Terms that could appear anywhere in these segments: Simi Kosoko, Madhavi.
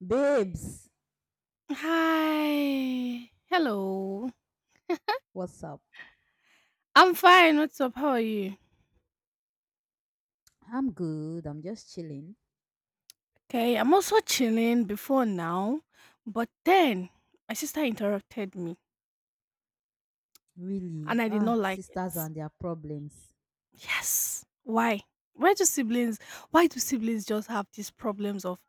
Babes, Hi. Hello. what's up? I'm fine. What's up? How are you? I'm good. I'm just chilling. Okay, I'm also chilling before now, but then my sister interrupted me Really? and I did Ah, not like it. sisters and their problems. Yes. Why? Why do siblings why do siblings just have these problems of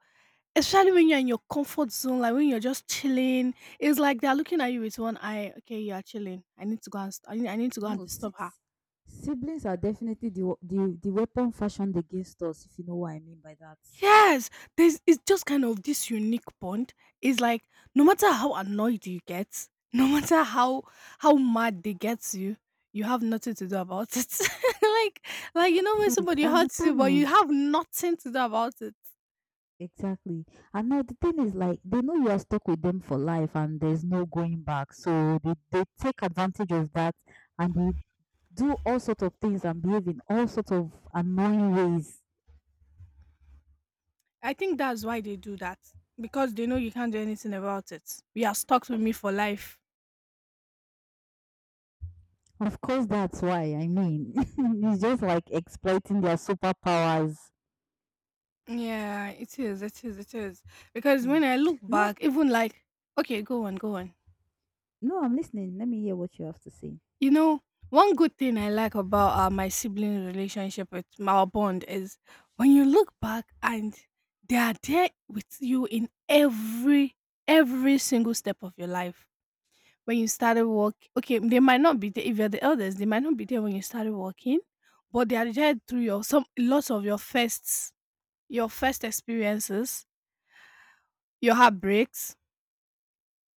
especially when you're in your comfort zone, like when you're just chilling, it's like they're looking at you with one eye. Okay, you are chilling. I need to go and No, disturb her. sis- Siblings are definitely the, wa- the weapon fashioned against us, if you know what I mean by that. Yes, there's it's just kind of this unique bond. It's like no matter how annoyed you get, no matter how mad they get you, you have nothing to do about it. like like you know That's when it. somebody And the hurts you, but thing you is, have nothing to do about it. exactly. And now the thing is, like, they know you are stuck with them for life and there's no going back. So they take advantage of that and they do all sorts of things and behave in all sorts of annoying ways. I think that's why they do that because they know you can't do anything about it. You are stuck with me for life. Of course, that's why. I mean, it's just like exploiting their superpowers. Yeah, it is. It is. It is. Because Hmm. when I look No, back, even like okay, go on, go on. no, I'm listening. Let me hear what you have to say. You know, one good thing I like about my sibling relationship with our bond is when you look back and they are there with you in every single step of your life. When you started work, okay, they might not be there if you're the eldest. They might not be there when you started working, but they are there through your some lots of your firsts, your first experiences, your heartbreaks,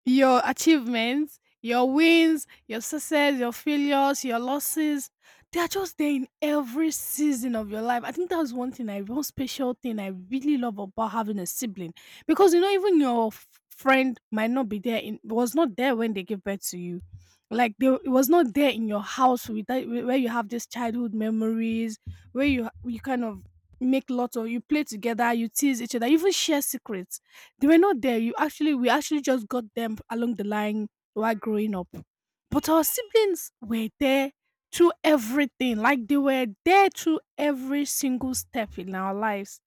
your achievements, your wins, your success, your failures, your losses. They are just there in every season of your life. I think that's one special thing I really love about having a sibling. Because you know, even your friend might not be there in was not there when they gave birth to you. Like they it was not there in your house with that, where you have these childhood memories, where you kind of make lots of you play together, you tease each other, you even share secrets they were not there. We actually just got them along the line while growing up. But our siblings were there through everything. Like they were there through every single step in our lives.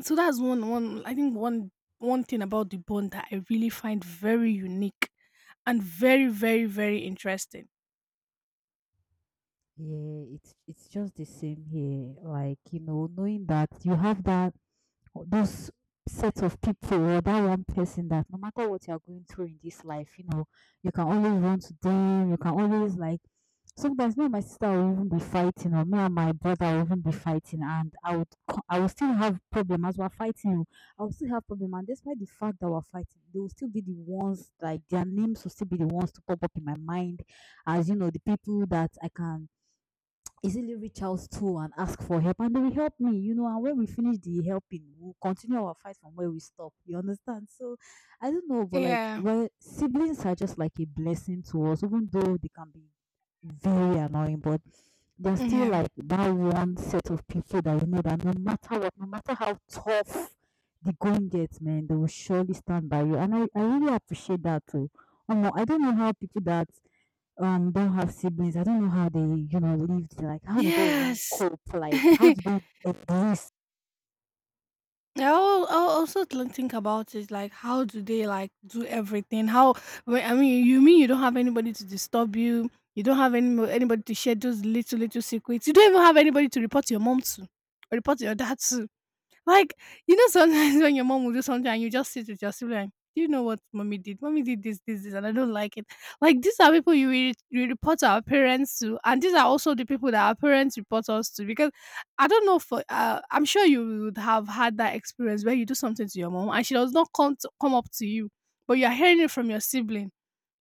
So that's one one I think one one thing about the bond that I really find very unique and very, very, very interesting. Yeah, it's just the same here. Like, you know, knowing that you have that those sets of people or that one person that no matter what you're going through in this life, you know, you can always run to them, you can always like sometimes me and my sister will even be fighting or me and my brother will even be fighting and I will still have problem as we're fighting. Oh, I will still have problem, and despite the fact that we're fighting, they will still be the ones, like their names will still be the ones to pop up in my mind as, you know, the people that I can easily reach out to and ask for help, and they will help me, you know. And when we finish the helping, we'll continue our fight from where we stop, you understand. So I don't know, but like, Yeah. well, siblings are just like a blessing to us even though they can be very annoying. But they're still Yeah. like that one set of people that you know that no matter what, no matter how tough the going gets, man, they will surely stand by you. And I really appreciate that too. I don't know how people that don't have siblings. I don't know how they, you know, lived. Like, how do they even Yes. cope? Like, how do they exist? I also think about it like how do they like do everything? How I mean you don't have anybody to disturb you, you don't have anybody to share those little little secrets, you don't even have anybody to report to your mom to or report to your dad to. Like, sometimes when your mom will do something and you just sit with your sibling, "Do you know what mommy did? Mommy did this, this, this, and I don't like it." Like, these are people you report our parents to, and these are also the people that our parents report us to. Because I don't know for I'm sure you would have had that experience where you do something to your mom and she does not come up to you, but you are hearing it from your sibling.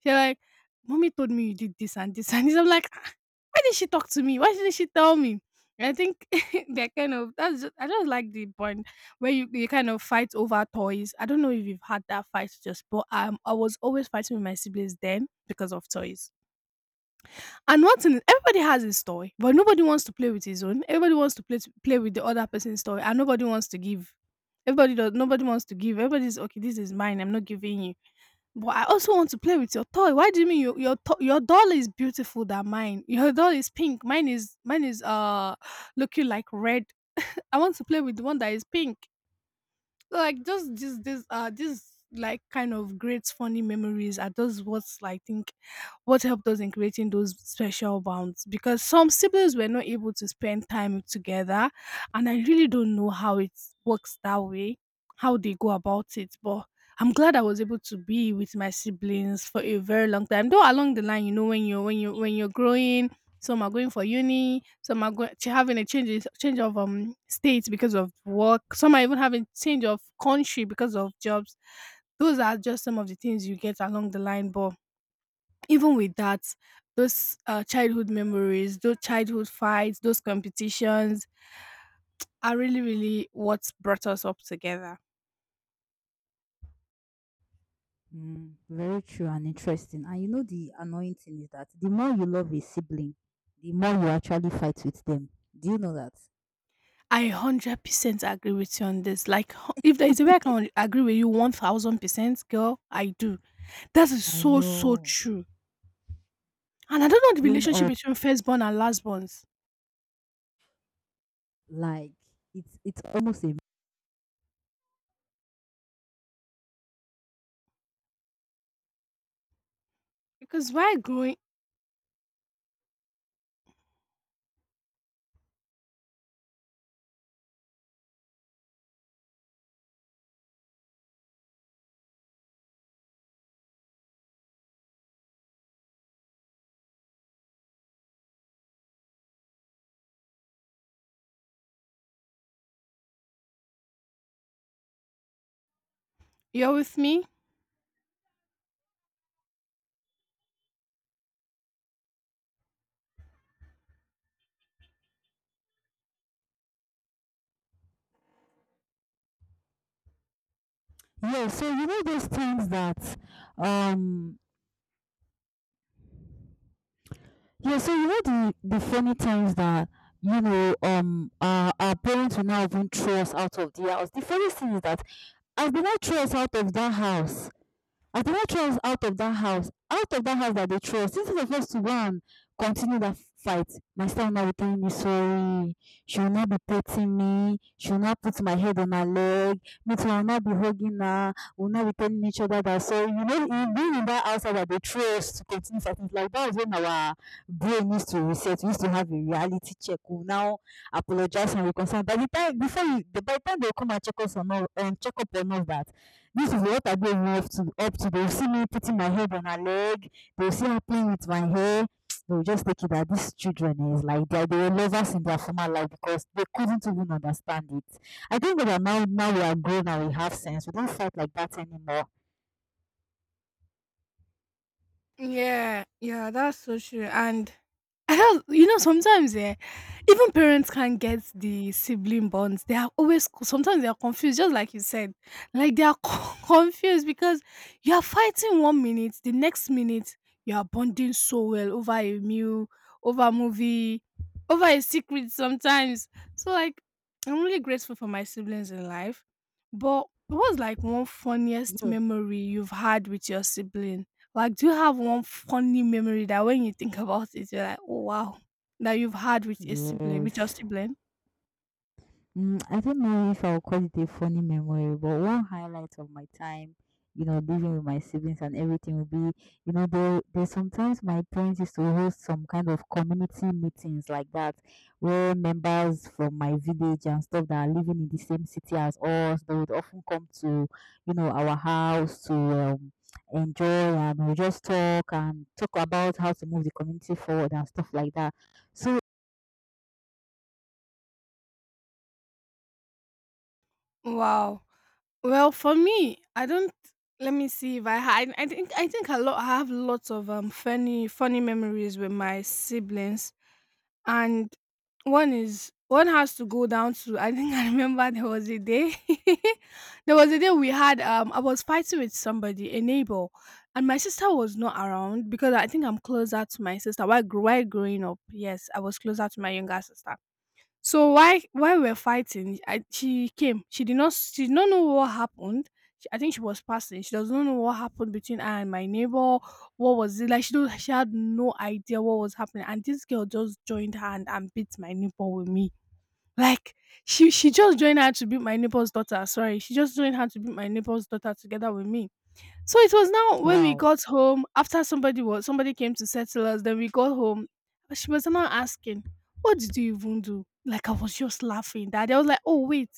You're like, "Mommy told me you did this and this and this." I'm like, why did she talk to me? Why didn't she tell me? And I think they're kind of that's just, I just like the point where you kind of fight over toys. I don't know if you've had that fight just, but I was always fighting with my siblings then because of toys. And one thing, is, everybody has his toy, but nobody wants to play with his own. Everybody wants to play with the other person's toy, and nobody wants to give. Everybody does. Nobody wants to give. Everybody's okay. This is mine. I'm not giving you but I also want to play with your toy. Why do you mean your doll is beautiful than mine? Your doll is pink. Mine is looking like red. I want to play with the one that is pink, like just this like kind of great funny memories are those what's like think what helped us in creating those special bonds, because some siblings were not able to spend time together and I really don't know how it works that way, how they go about it, but I'm glad I was able to be with my siblings for a very long time, though along the line, you know, when you're growing, some are going for uni. Some are going having a change of states because of work. Some are even having change of country because of jobs. Those are just some of the things you get along the line. But even with that, those childhood memories, those childhood fights, those competitions are really, really what brought us up together. Mm, very true and interesting. And you know, the annoying thing is that the more you love a sibling, the more you actually fight with them. Do you know that? I 100% agree with you on this. Like, if there is a way I can agree with you 1000%, girl, I do. That is I so, so know. true. And I don't know the Growing relationship up, between firstborn and lastborns. like it's almost a Because while growing, you're with me? Yeah, so you know those things that um Yeah, so you know the funny times that, you know, our parents will now even throw us out of the house. The funny thing is that as they now throw us out of that house, I did not throw us out of that house, out of that house that they threw us. Instead of us to go and continue that fight, my sister will not be telling me sorry. She will not be petting me. She will not put my head on her leg. Me too, I will not be hugging her. We will not be telling each other that. So, you know, in being in that outside that they threw us to continue fighting, like, that is when our brain needs to reset. We used to have a reality check. We will now apologize and reconcile. By the time they will come and check up on all that, this is what I gave me up to. Up to they'll see me putting my head on her leg. They'll see her playing with my hair. They'll just take it that these children is like they were lovers in their former life because they couldn't even understand it. I think that now we are grown and we have sense. We don't fight like that anymore. Yeah, yeah, that's so true. And I don't you know, sometimes, even parents can't get the sibling bonds. They are always Sometimes they are confused, just like you said. Like, they are confused because you are fighting one minute, the next minute, you are bonding so well over a meal, over a movie, over a secret sometimes. So, like, I'm really grateful for my siblings in life. But what's, like, one funniest Yeah. memory you've had with your sibling? Like, do you have one funny memory that when you think about it, you're like, "Oh wow," that you've had with a sibling, Yes. with your sibling? Mm, I don't know if I'll call it a funny memory, but one highlight of my time, you know, living with my siblings and everything will be, you know, there's sometimes my parents used to host some kind of community meetings like that, where members from my village and stuff that are living in the same city as us, they would often come to, you know, our house to enjoy, and we just talk and talk about how to move the community forward and stuff like that. So Wow. Well, for me, I don't. Let me see if I had. I think a lot. I have lots of funny funny memories with my siblings. And one has to go down to I think I remember there was a day there was a day we had I was fighting with somebody, a neighbor, and my sister was not around because I think I'm closer to my sister, while growing up. Yes, I was closer to my younger sister. So why while we're fighting, she came. She did not know what happened. I think she was passing. She does not know what happened between her and my neighbor. What was it like? She don't. She had no idea what was happening. And this girl just joined her and, beat my neighbor with me. Like she just joined her to beat my neighbor's daughter. Sorry, she just joined her to beat my neighbor's daughter together with me. So it was now when we wow. got home, after somebody came to settle us, then we got home. She was now asking, "What did you even do?" Like, I was just laughing. That I was like, "Oh wait,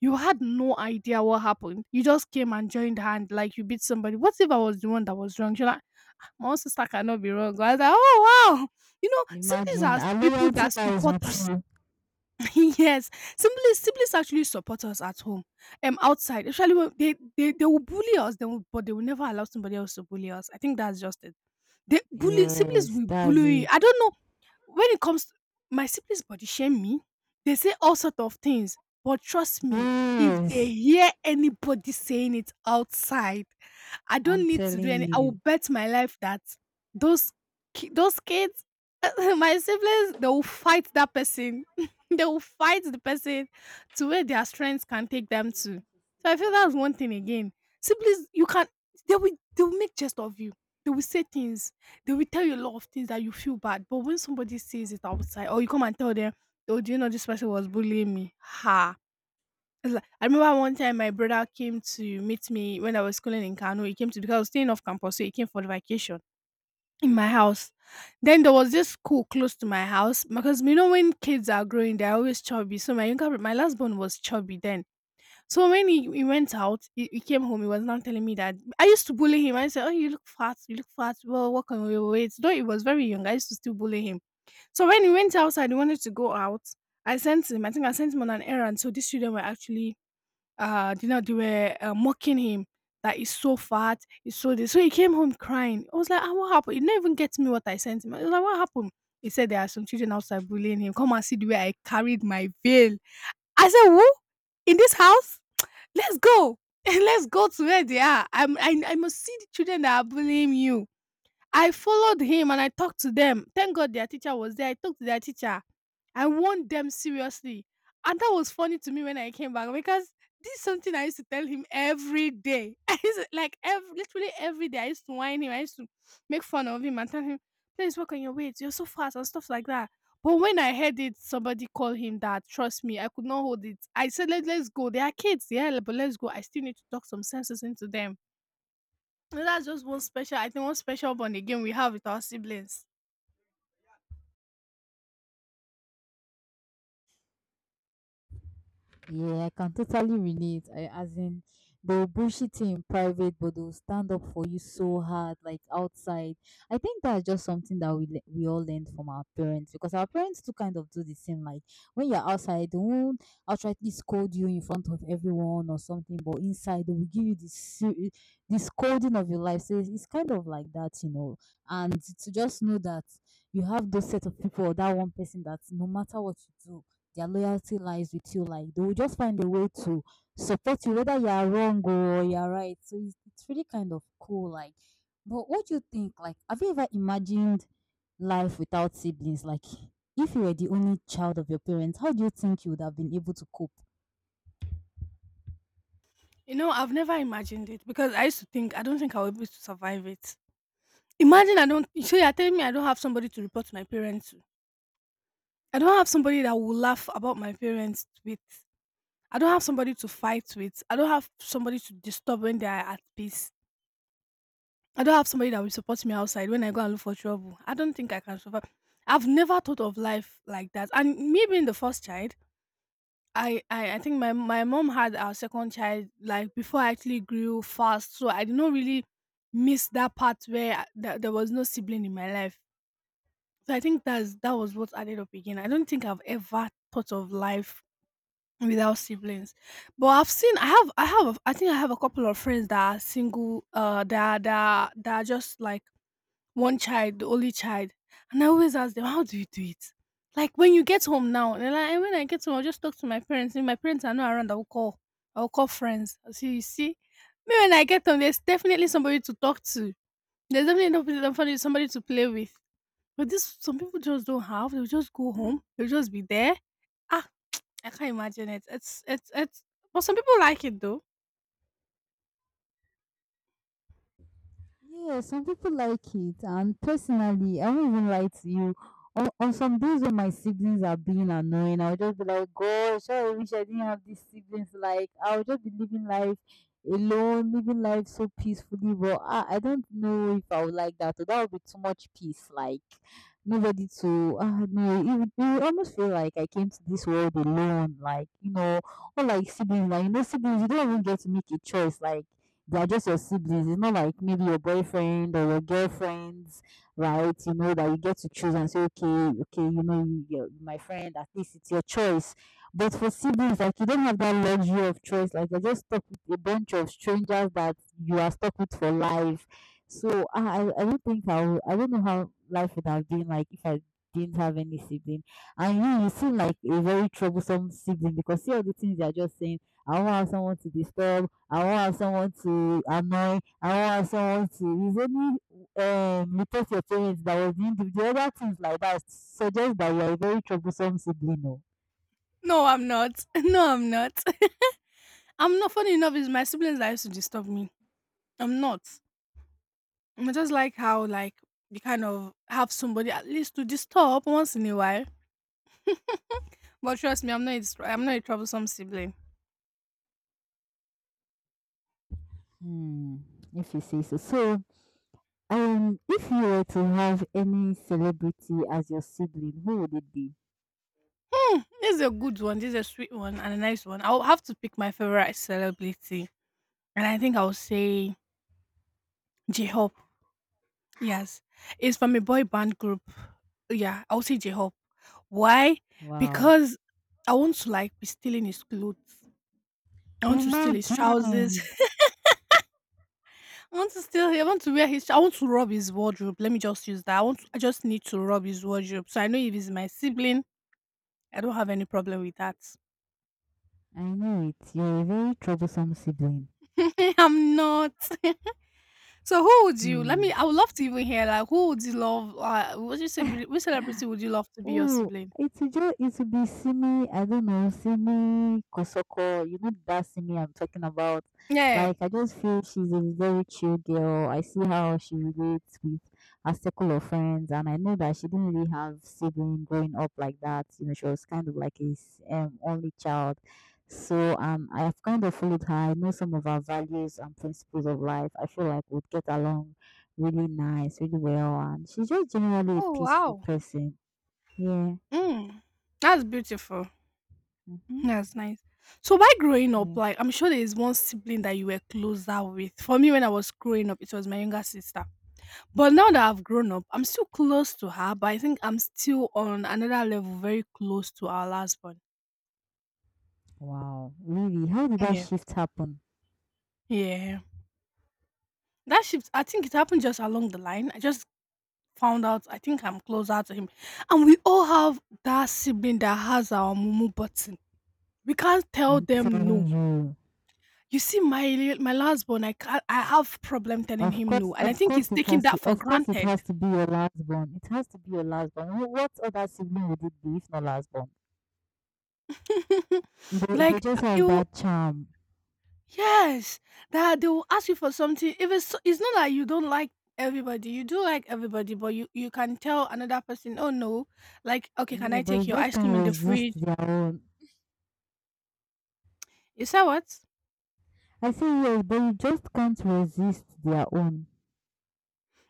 you had no idea what happened. You just came and joined hand like you beat somebody. What if I was the one that was wrong?" She's like, "Ah, my own sister cannot be wrong." I was like, "Oh wow, you know, siblings Imagine, are our people loyalty that lies support with us." you. Yes, siblings actually support us at home, outside. Actually, when they will bully us, they will, but they will never allow somebody else to bully us. I think that's just it. They bully siblings Yes, will that's bully. it. I don't know when it comes to my siblings body shame me, they say all sort of things, but trust me, if they Yes, hear anybody saying it outside, I I'm don't need to telling do any I will you. bet my life that those those kids my siblings they will fight that person. They will fight the person to where their strengths can take them to. So I feel that's one thing again. Siblings, you can they will they will make jest of you. They will say things, they will tell you a lot of things that you feel bad, but when somebody says it outside, or you come and tell them, "Oh, do you know this person was bullying me?" Ha! It's like, I remember one time my brother came to meet me when I was schooling in Kano. He came to Because I was staying off campus, so he came for the vacation in my house. Then there was this school close to my house. Because you know, when kids are growing, they're always chubby. So my last born was chubby then, so when he went out, he came home. He was now telling me that I used to bully him. I said, "Oh, you look fat. You look fat. Well, work on your weight." Though he was very young, I used to still bully him. So when he went outside, he wanted to go out. I sent him. I think I sent him on an errand. So these children were actually, they were mocking him that he's so fat, he's so this. So he came home crying. I was like, "What happened?" He didn't even get me what I sent him. I was like, "What happened?" He said there are some children outside bullying him. Come and see the way I carried my veil. I said, "Who in this house? Let's go!" Let's go to where they are. I must see the children that are bullying you. I followed him and I talked to them. Thank God their teacher was there. I talked to their teacher. I warned them seriously. And that was funny to me when I came back because this is something I used to tell him every day. I used to, like every literally every day I used to whine him, I used to make fun of him and tell him, please work on your weight, you're so fast and stuff like that. But when I heard it, somebody call him that. Trust me, I could not hold it. I said, Let's go. They are kids, yeah, but let's go. I still need to talk some senses into them. And that's just one special, I think, one special bond again we have with our siblings. Yeah, I can totally relate. I, as in, they'll bullshit you in private, but they'll stand up for you so hard, like outside. I think that's just something that we all learned from our parents because our parents too kind of do the same. Like when you're outside, they won't outrightly scold you in front of everyone or something, but inside they will give you this scolding of your life. So it's kind of like that, you know. And to just know that you have those set of people or that one person that no matter what you do, their loyalty lies with you. Like, they will just find a way to support you, whether you are wrong or you are right. So it's really kind of cool. Like, but what do you think? Like, have you ever imagined life without siblings? Like, if you were the only child of your parents, how do you think you would have been able to cope? You know, I've never imagined it because I used to think I don't think I'll be able to survive it. Imagine I don't. So you're telling me I don't have somebody to report to my parents to. I don't have somebody that will laugh about my parents with. I don't have somebody to fight with. I don't have somebody to disturb when they are at peace. I don't have somebody that will support me outside when I go and look for trouble. I don't think I can survive. I've never thought of life like that. And me being the first child, I think my mom had our second child like before I actually grew fast, so I did not really miss that part where there was no sibling in my life. So I think that was what added up again. I don't think I've ever thought of life without siblings, but I think I have a couple of friends that are single, that are just like one child, the only child, and I always ask them, "How do you do it?" Like when you get home now, and like when I get home, I'll just talk to my parents. If my parents are not around, I'll call. I'll call friends. I'll say, "You see, me when I get home, there's definitely somebody to talk to. There's definitely somebody to play with." But this, some people just don't have. They'll just go home. They'll just be there. Ah, I can't imagine it. It's. But some people like it though. Yeah, some people like it, and personally, I won't even lie to you. On some days when my siblings are being annoying, I'll just be like, "Gosh, I wish I didn't have these siblings." Like, I'll just be living life alone, living life so peacefully. But I don't know if I would like that. Or that would be too much peace. Like, nobody to. No, you would almost feel like I came to this world alone. Like, you know, or like siblings, like, you know, siblings, you don't even get to make a choice. Like, they are just your siblings. It's not like maybe your boyfriend or your girlfriends, right? You know that you get to choose and say, okay, okay, you know, you're my friend. At least it's your choice. But for siblings, like, you don't have that luxury of choice. Like, you're just stuck with a bunch of strangers that you are stuck with for life. So I don't think I will, I don't know how life would have been like if I didn't have any sibling. And you seem like a very troublesome sibling because see all the things they are just saying. I don't have someone to disturb. I won't have someone to annoy. I won't have someone to. It's report your parents that was individual. Other things like that suggest that you are a very troublesome sibling. Oh. No, I'm not. No, I'm not. I'm not. Funny enough, it's my siblings that used to disturb me. I'm not. I just like how like you kind of have somebody at least to disturb once in a while. But trust me, I'm not a troublesome sibling. Hmm. If you say so. So, if you were to have any celebrity as your sibling, who would it be? Hmm, this is a good one. This is a sweet one and a nice one. I'll have to pick my favorite celebrity, and I think I'll say J Hope. Yes, it's from a boy band group. Yeah, I'll say J Hope. Why? Wow. Because I want to like be stealing his clothes. I want to steal his trousers. Imagine! I want to steal. I want to rob his wardrobe. Let me just use that. I want to, I just need to rob his wardrobe. So I know if he's my sibling, I don't have any problem with that. I know it. You're a very troublesome sibling. I'm not. So who would you let Hmm. me I would love to even hear like who would you love what you say which celebrity would you love to be your Oh, sibling? it will be Simi, I don't know, Simi Kosoko. You know that Simi I'm talking about. Yeah. Like, I just feel she's a very chill girl. I see how she relates with her circle of friends, and I know that she didn't really have sibling growing up like that. You know, she was kind of like only child. So I have kind of followed her. I know some of her values and principles of life. I feel like we'd get along really nice, really well, and she's just generally a Oh, peaceful wow. person, yeah. Mm. That's beautiful. Mhm. That's nice. So by growing up, Yeah. like I'm sure there is one sibling that you were closer with. For me, when I was growing up, it was my younger sister. But now that I've grown up, I'm still close to her, but I think I'm still on another level, very close to our last one. Wow. Really? How did that Yeah. shift happen? Yeah. That shift, I think it happened just along the line. I just found out, I think I'm closer to him. And we all have that sibling that has our mumu button. We can't tell I'm them no. telling you. You see, my last born, I can't, I have problem telling him no, and I Of think course he's it taking has that to, for of course it granted. has to be your last born. It has to be your last born. What other sibling would it be if not last born? They Like just have you, that charm. yes, that they will ask you for something. If it's so, it's not like you don't like everybody, you do like everybody, but you can tell another person, oh no, like okay, can Yeah, I but you take your just ice cream can't in the resist fridge? their own. You say what? I say yes, but you just can't resist their own.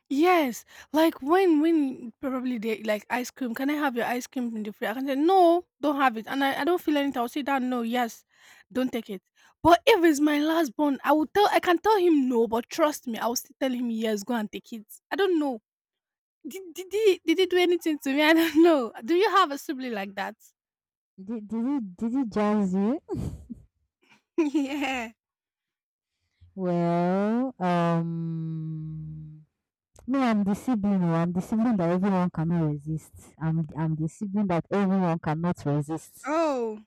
Yes, like when probably they like ice cream. Can I have your ice cream in the fridge? I can say no, don't have it, and I don't feel anything. I'll say that no, yes, don't take it. But if it's my last born, I will tell. I can tell him no, but trust me, I will still tell him yes, go and take it. I don't know. Did he do anything to me? I don't know. Do you have a sibling like that? Did it jazz you? Yeah. Well, me, I'm the sibling. Oh, I'm the sibling that everyone cannot resist. I'm the sibling that everyone cannot resist. Oh,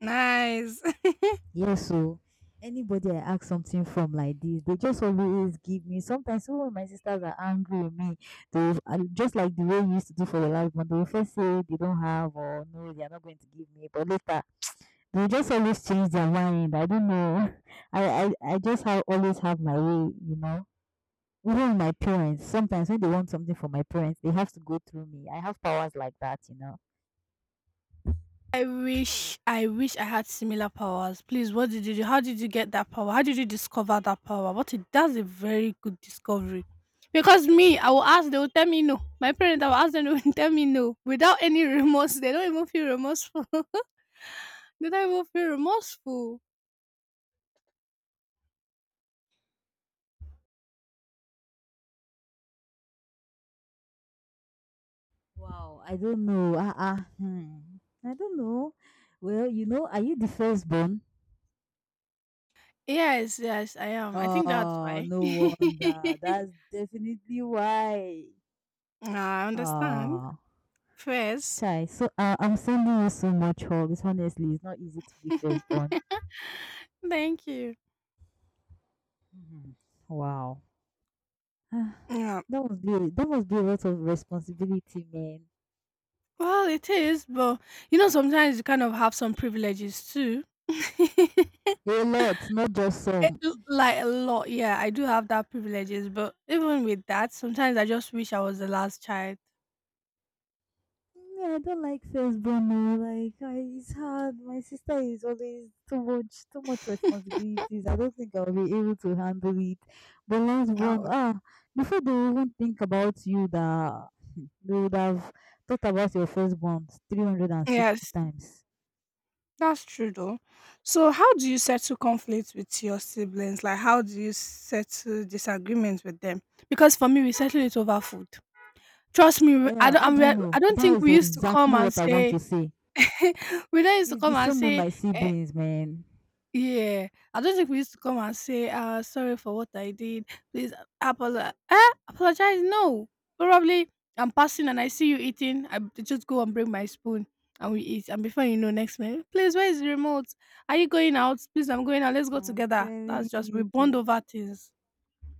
nice. Yes, so anybody I ask something from like this, they just always give me. Sometimes even when my sisters are angry with me, just like the way you used to do for the last one. They will first say they don't have, or no, they are not going to give me. But later, they will just always change their mind. I don't know. I just have always have my way, you know. Even my parents sometimes when they want something from my parents, they have to go through me. I have powers like that, you know. I wish I had similar powers. Please, what did you do? How did you get that power? How did you discover that power? What it that's a very good discovery. Because me, I will ask, they will tell me no. My parents, I will ask them, they will tell me no. Without any remorse. They don't even feel remorseful. They don't even feel remorseful. Wow, I don't know. Ah, ah, hmm. I don't know, well, you know, are you the firstborn? Yes, yes, I am. I think that's Oh, why. no wonder. That's definitely why. Ah, I understand. Ah, First. chai, so I'm sending you so much love. It's honestly, it's not easy to be firstborn. Thank you. Mhm. Wow. Ah, Yeah. that must be a lot of responsibility, man. Well, it is, but you know, sometimes you kind of have some privileges too. A lot, not just some. Eh, like a lot, yeah. I do have that privileges, but even with that, sometimes I just wish I was the last child. Yeah, I don't like first born. No, like I, it's hard. My sister is always too much responsibilities. I don't think I'll be able to handle it. But last born, Oh, ah, before they even think about you, that they would have thought about your firstborn 360 yes, times. that's true though. So, how do you settle conflicts with your siblings? Like, how do you settle disagreements with them? Because for me, we settle it over food. Trust me, we- I Yeah, don't. how do you I'm, I know? don't That think is we used to come exactly and what I want say to say. we don't used to It's the come and same with say, my eh, siblings, man. yeah, I don't think we used to come and say, sorry for what I did. Please apologize. Eh? Apologize? No. Probably I'm passing and I see you eating. I b- just go and bring my spoon and we eat. And before you know, next minute, please, where is the remote? Are you going out? Please, I'm going out. Let's go I'm together. telling That's just, we bond you. over things.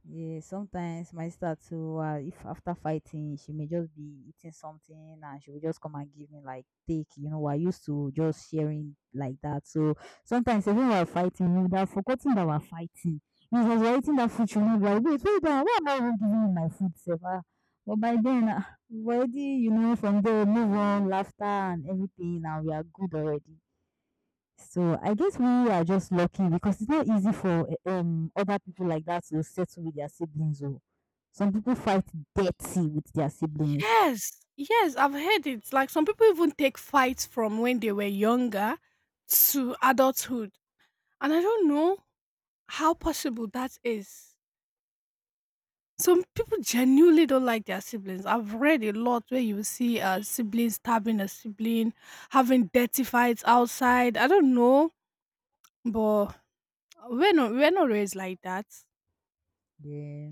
Yeah, sometimes my sister too, if after fighting, she may just be eating something and she will just come and give me like take. You know, we're used to just sharing like that. So sometimes even while fighting, we would have forgotten that we're fighting. If I was eating that food, she would be like, wait, wait, why am I even giving you my food, Seva? But by then, already, you know, from there, move on, laughter and everything, and we are good already. So I guess we are just lucky because it's not easy for other people like that to settle with their siblings. Or some people fight dirty with their siblings. Yes. Yes, I've heard it. Like some people even take fights from when they were younger to adulthood. And I don't know how possible that is. Some people genuinely don't like their siblings. I've read a lot where you see a sibling stabbing a sibling, having dirty fights outside. I don't know, but we're not raised like that. Yeah,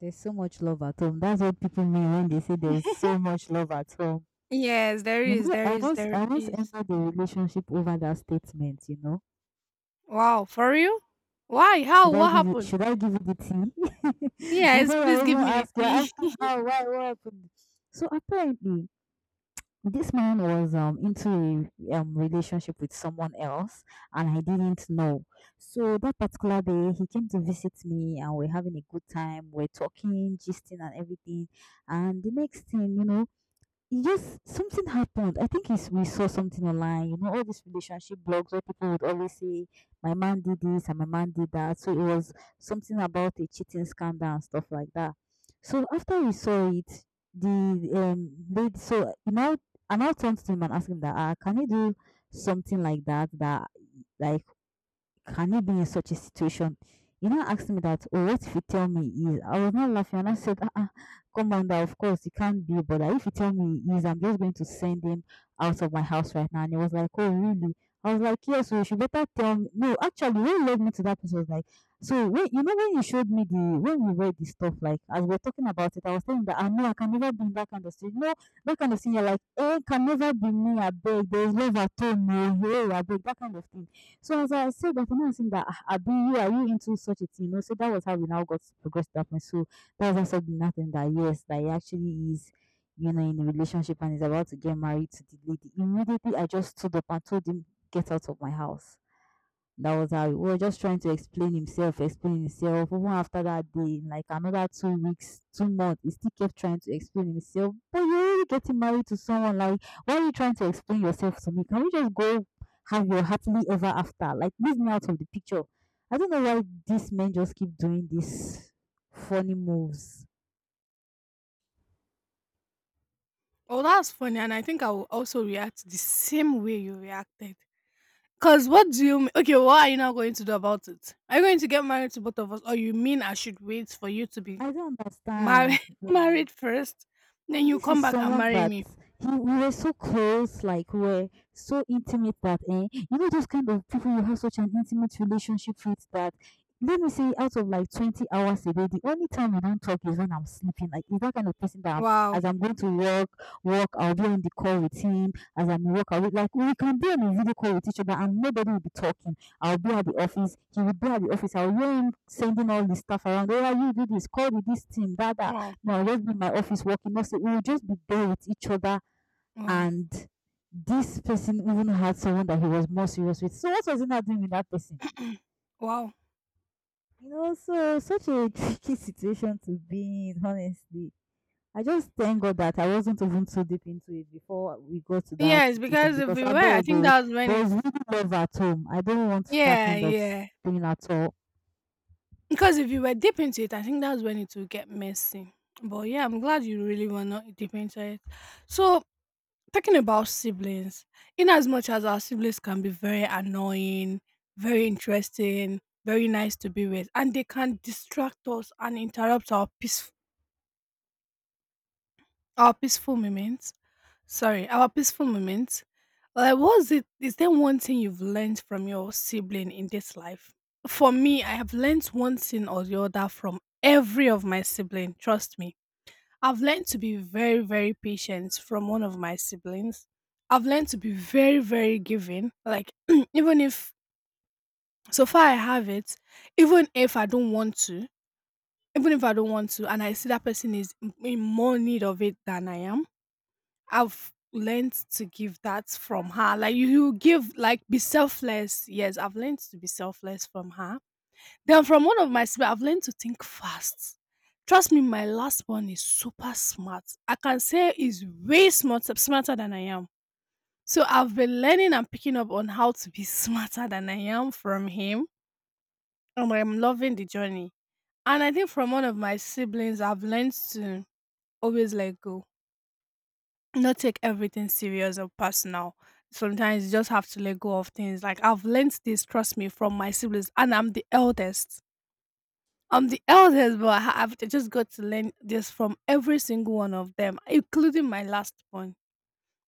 there's so much love at home. That's what people mean when they say there's so much love at home. Yes, there You is, know, there I is, once there I once is. entered a relationship over that statement. You know, Wow, for real? Why? How? should I What give you happened? should I give you the tea Yes, before I please even give me ask? You're the asking tea. how, why, what happened. So apparently this man was into a relationship with someone else, and I didn't know. So that particular day he came to visit me and we're having a good time, we're talking, gisting and everything, and the next thing you know, yes, something happened. I think it's, we saw something online. You know, all these relationship blogs where people would always say, "My man did this and my man did that." So it was something about a cheating scandal and stuff like that. So after we saw it, the lady, so you know, I now turned to him and asked him that, "Can you do something like that? That like, can it be in such a situation?" You know, asked me that, oh, what if you tell me he is? I was not laughing and I said, ah, ah, Commander, of course, it can't be, but if you tell me he is, I'm just going to send him out of my house right now. And he was like, oh, really? I was like, yes, so you should better tell me. No, actually, when what led me to that place, I was like, so when, you know, when you showed me the, when we read the stuff, like, as we're talking about it, I was telling that, I know I can never be in that kind of situation. No, that kind of thing, you're like, eh, can never be me, I beg, there's love at home, no, hey, I beg, that kind of thing. So as I said that, you know, I think that ah, Abi, you are you into such a thing? You know, so that was how we now got to progress to that point. So that was also nothing that, yes, that he actually is, you know, in a relationship and is about to get married to the lady. Immediately I just stood up and told him, get out of my house. That was how we were just trying to explain himself, explain himself. Even after that day, in like another 2 weeks, 2 months, he still kept trying to explain himself. But you're already getting married to someone. Like, why are you trying to explain yourself to me? Can we just go have your happily ever after? Like, leave me out of the picture. I don't know why these men just keep doing these funny moves. Oh, that's funny, and I think I will also react the same way you reacted. Cause what do you m- okay? What are you now going to do about it? Are you going to get married to both of us, or you mean I should wait for you to be I don't married understand. Like, married first, then and you this is come back and someone marry that me? he, we were so close, like we were so intimate that, eh, you know, those kind of people you have such an intimate relationship with that, let me say, out of like 20 hours a day, the only time we don't talk is when I'm sleeping. Like, he's that kind of person that I'm, Wow, as I'm going to work, work, I'll be on the call with him. As I'm work, I'll be, like, we can be on a video call with each other and nobody will be talking. I'll be at the office. He will be at the office. I'll hear him sending all this stuff around. Oh, you do this, call with this team, that, wow, no, I'll just be in my office working. Also, we will just be there with each other. wow, And this person even had someone that he was more serious with. So what was he not doing with that person? wow. You know, so such a tricky situation to be in, honestly. I just thank God that I wasn't even too deep into it before we got to that Yes, situation because if because we I were, I beg think you, that's when there is it's really love at home. I don't want that yeah, kind of yeah. s- thing at all. Because if you were deep into it, I think that's when it will get messy. But yeah, I'm glad you really were not deep into it. So, talking about siblings, in as much as our siblings can be very annoying, very interesting, very nice to be with, and they can distract us and interrupt our peace, our peaceful moments. Sorry, our peaceful moments. Like, what's it? Is there one thing you've learned from your sibling in this life? For me, I have learned one thing or the other from every of my sibling. Trust me, I've learned to be very, very patient from one of my siblings. I've learned to be very, very giving. Like, even if so far I have it, even if I don't want to, even if I don't want to, and I see that person is in more need of it than I am, I've learned to give that from her. Like, you give, like, be selfless. Yes, I've learned to be selfless from her. Then from one of my sibling, I've learned to think fast. Trust me, my last one is super smart. I can say he's way smart, smarter than I am. So I've been learning and picking up on how to be smarter than I am from him, and I'm loving the journey. And I think from one of my siblings, I've learned to always let go, not take everything serious or personal. Sometimes you just have to let go of things. Like, I've learned this, trust me, from my siblings, and I'm the eldest. I'm the eldest, but I I've just got to learn this from every single one of them, including my last one.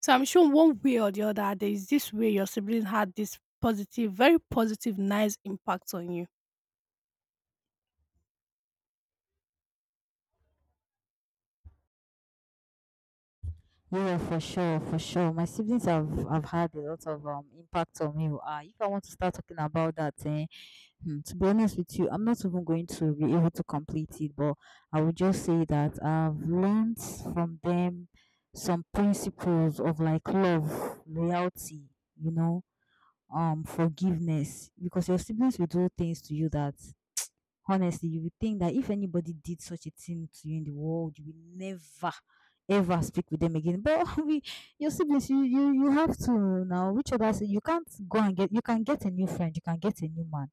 So I'm sure one way or the other, there is this way your siblings had this positive, very positive, nice impact on you. Yeah, for sure, for sure. My siblings have had a lot of impact on me. If I want to start talking about that, eh, hmm, to be honest with you, I'm not even going to be able to complete it, but I would just say that I've learned from them some principles of like love, loyalty, you know, forgiveness, because your siblings will do things to you that, honestly, you would think that if anybody did such a thing to you in the world, you will never ever speak with them again. But we, your siblings, you have to now. Which other si- you can't go and get. You can get a new friend. You can get a new man.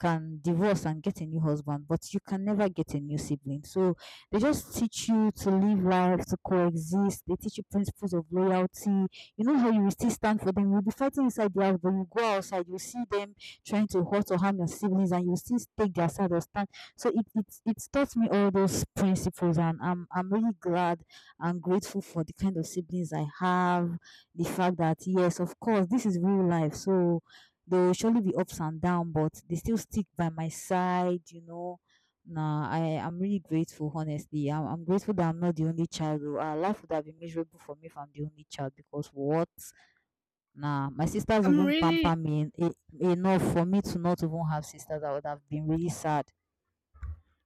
Can divorce and get a new husband, but you can never get a new sibling. So they just teach you to live life, to coexist. They teach you principles of loyalty. You know how you will still stand for them. You'll be fighting inside the house, but you go outside, you see them trying to hurt or harm your siblings and you still take their side or stand. So it taught me all those principles and I'm really glad and grateful for the kind of siblings I have, the fact that yes, of course, this is real life. So there will surely be ups and downs, but they still stick by my side, you know. Nah, I am really grateful, honestly. I'm grateful that I'm not the only child, though. Life would have been miserable for me if I'm the only child because what? Nah, my sisters I'm even pamper really me enough for me to not even have sisters. I would have been really sad.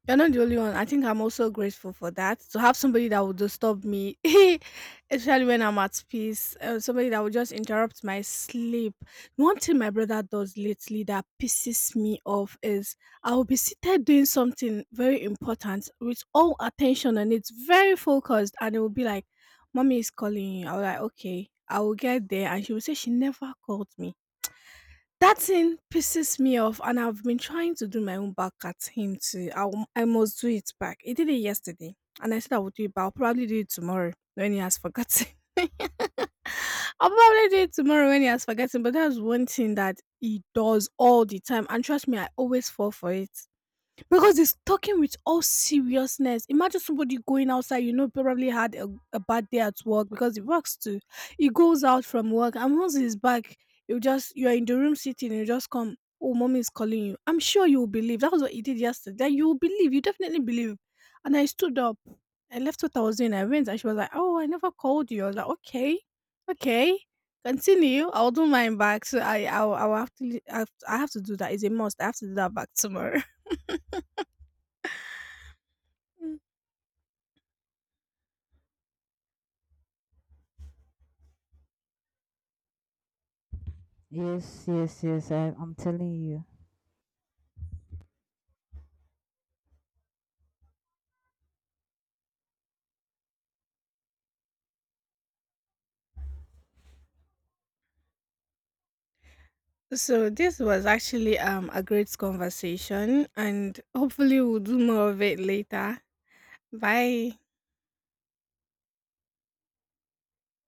You're not the only one. I think I'm also grateful for that. To have somebody that would disturb me, especially when I'm at peace, somebody that would just interrupt my sleep. One thing my brother does lately that pisses me off is I'll be seated doing something very important with all attention and it's very focused, and it will be like, Mommy is calling you. I'll like, okay, I will get there. And she will say, she never called me. That thing pisses me off and I've been trying to do my own back at him too. I must do it back. He did it yesterday and I said I would do it, but I'll probably do it tomorrow when he has forgotten. I'll probably do it tomorrow when he has forgotten, but that's one thing that he does all the time. And trust me, I always fall for it. Because he's talking with all seriousness. Imagine somebody going outside, you know, probably had a bad day at work because he works too. He goes out from work and once he's back, you're in the room sitting, you just come, oh, mommy is calling you. I'm sure you will believe. That was what he did yesterday. You will believe, you definitely believe. And I stood up. I left what I was doing. I went and she was like, oh, I never called you. I was like, okay, okay. Continue. I'll do mine back. So I will have to, I have to do that. It's a must. I have to do that back tomorrow. Yes, yes, yes. I'm telling you. So this was actually a great conversation and hopefully we'll do more of it later. Bye.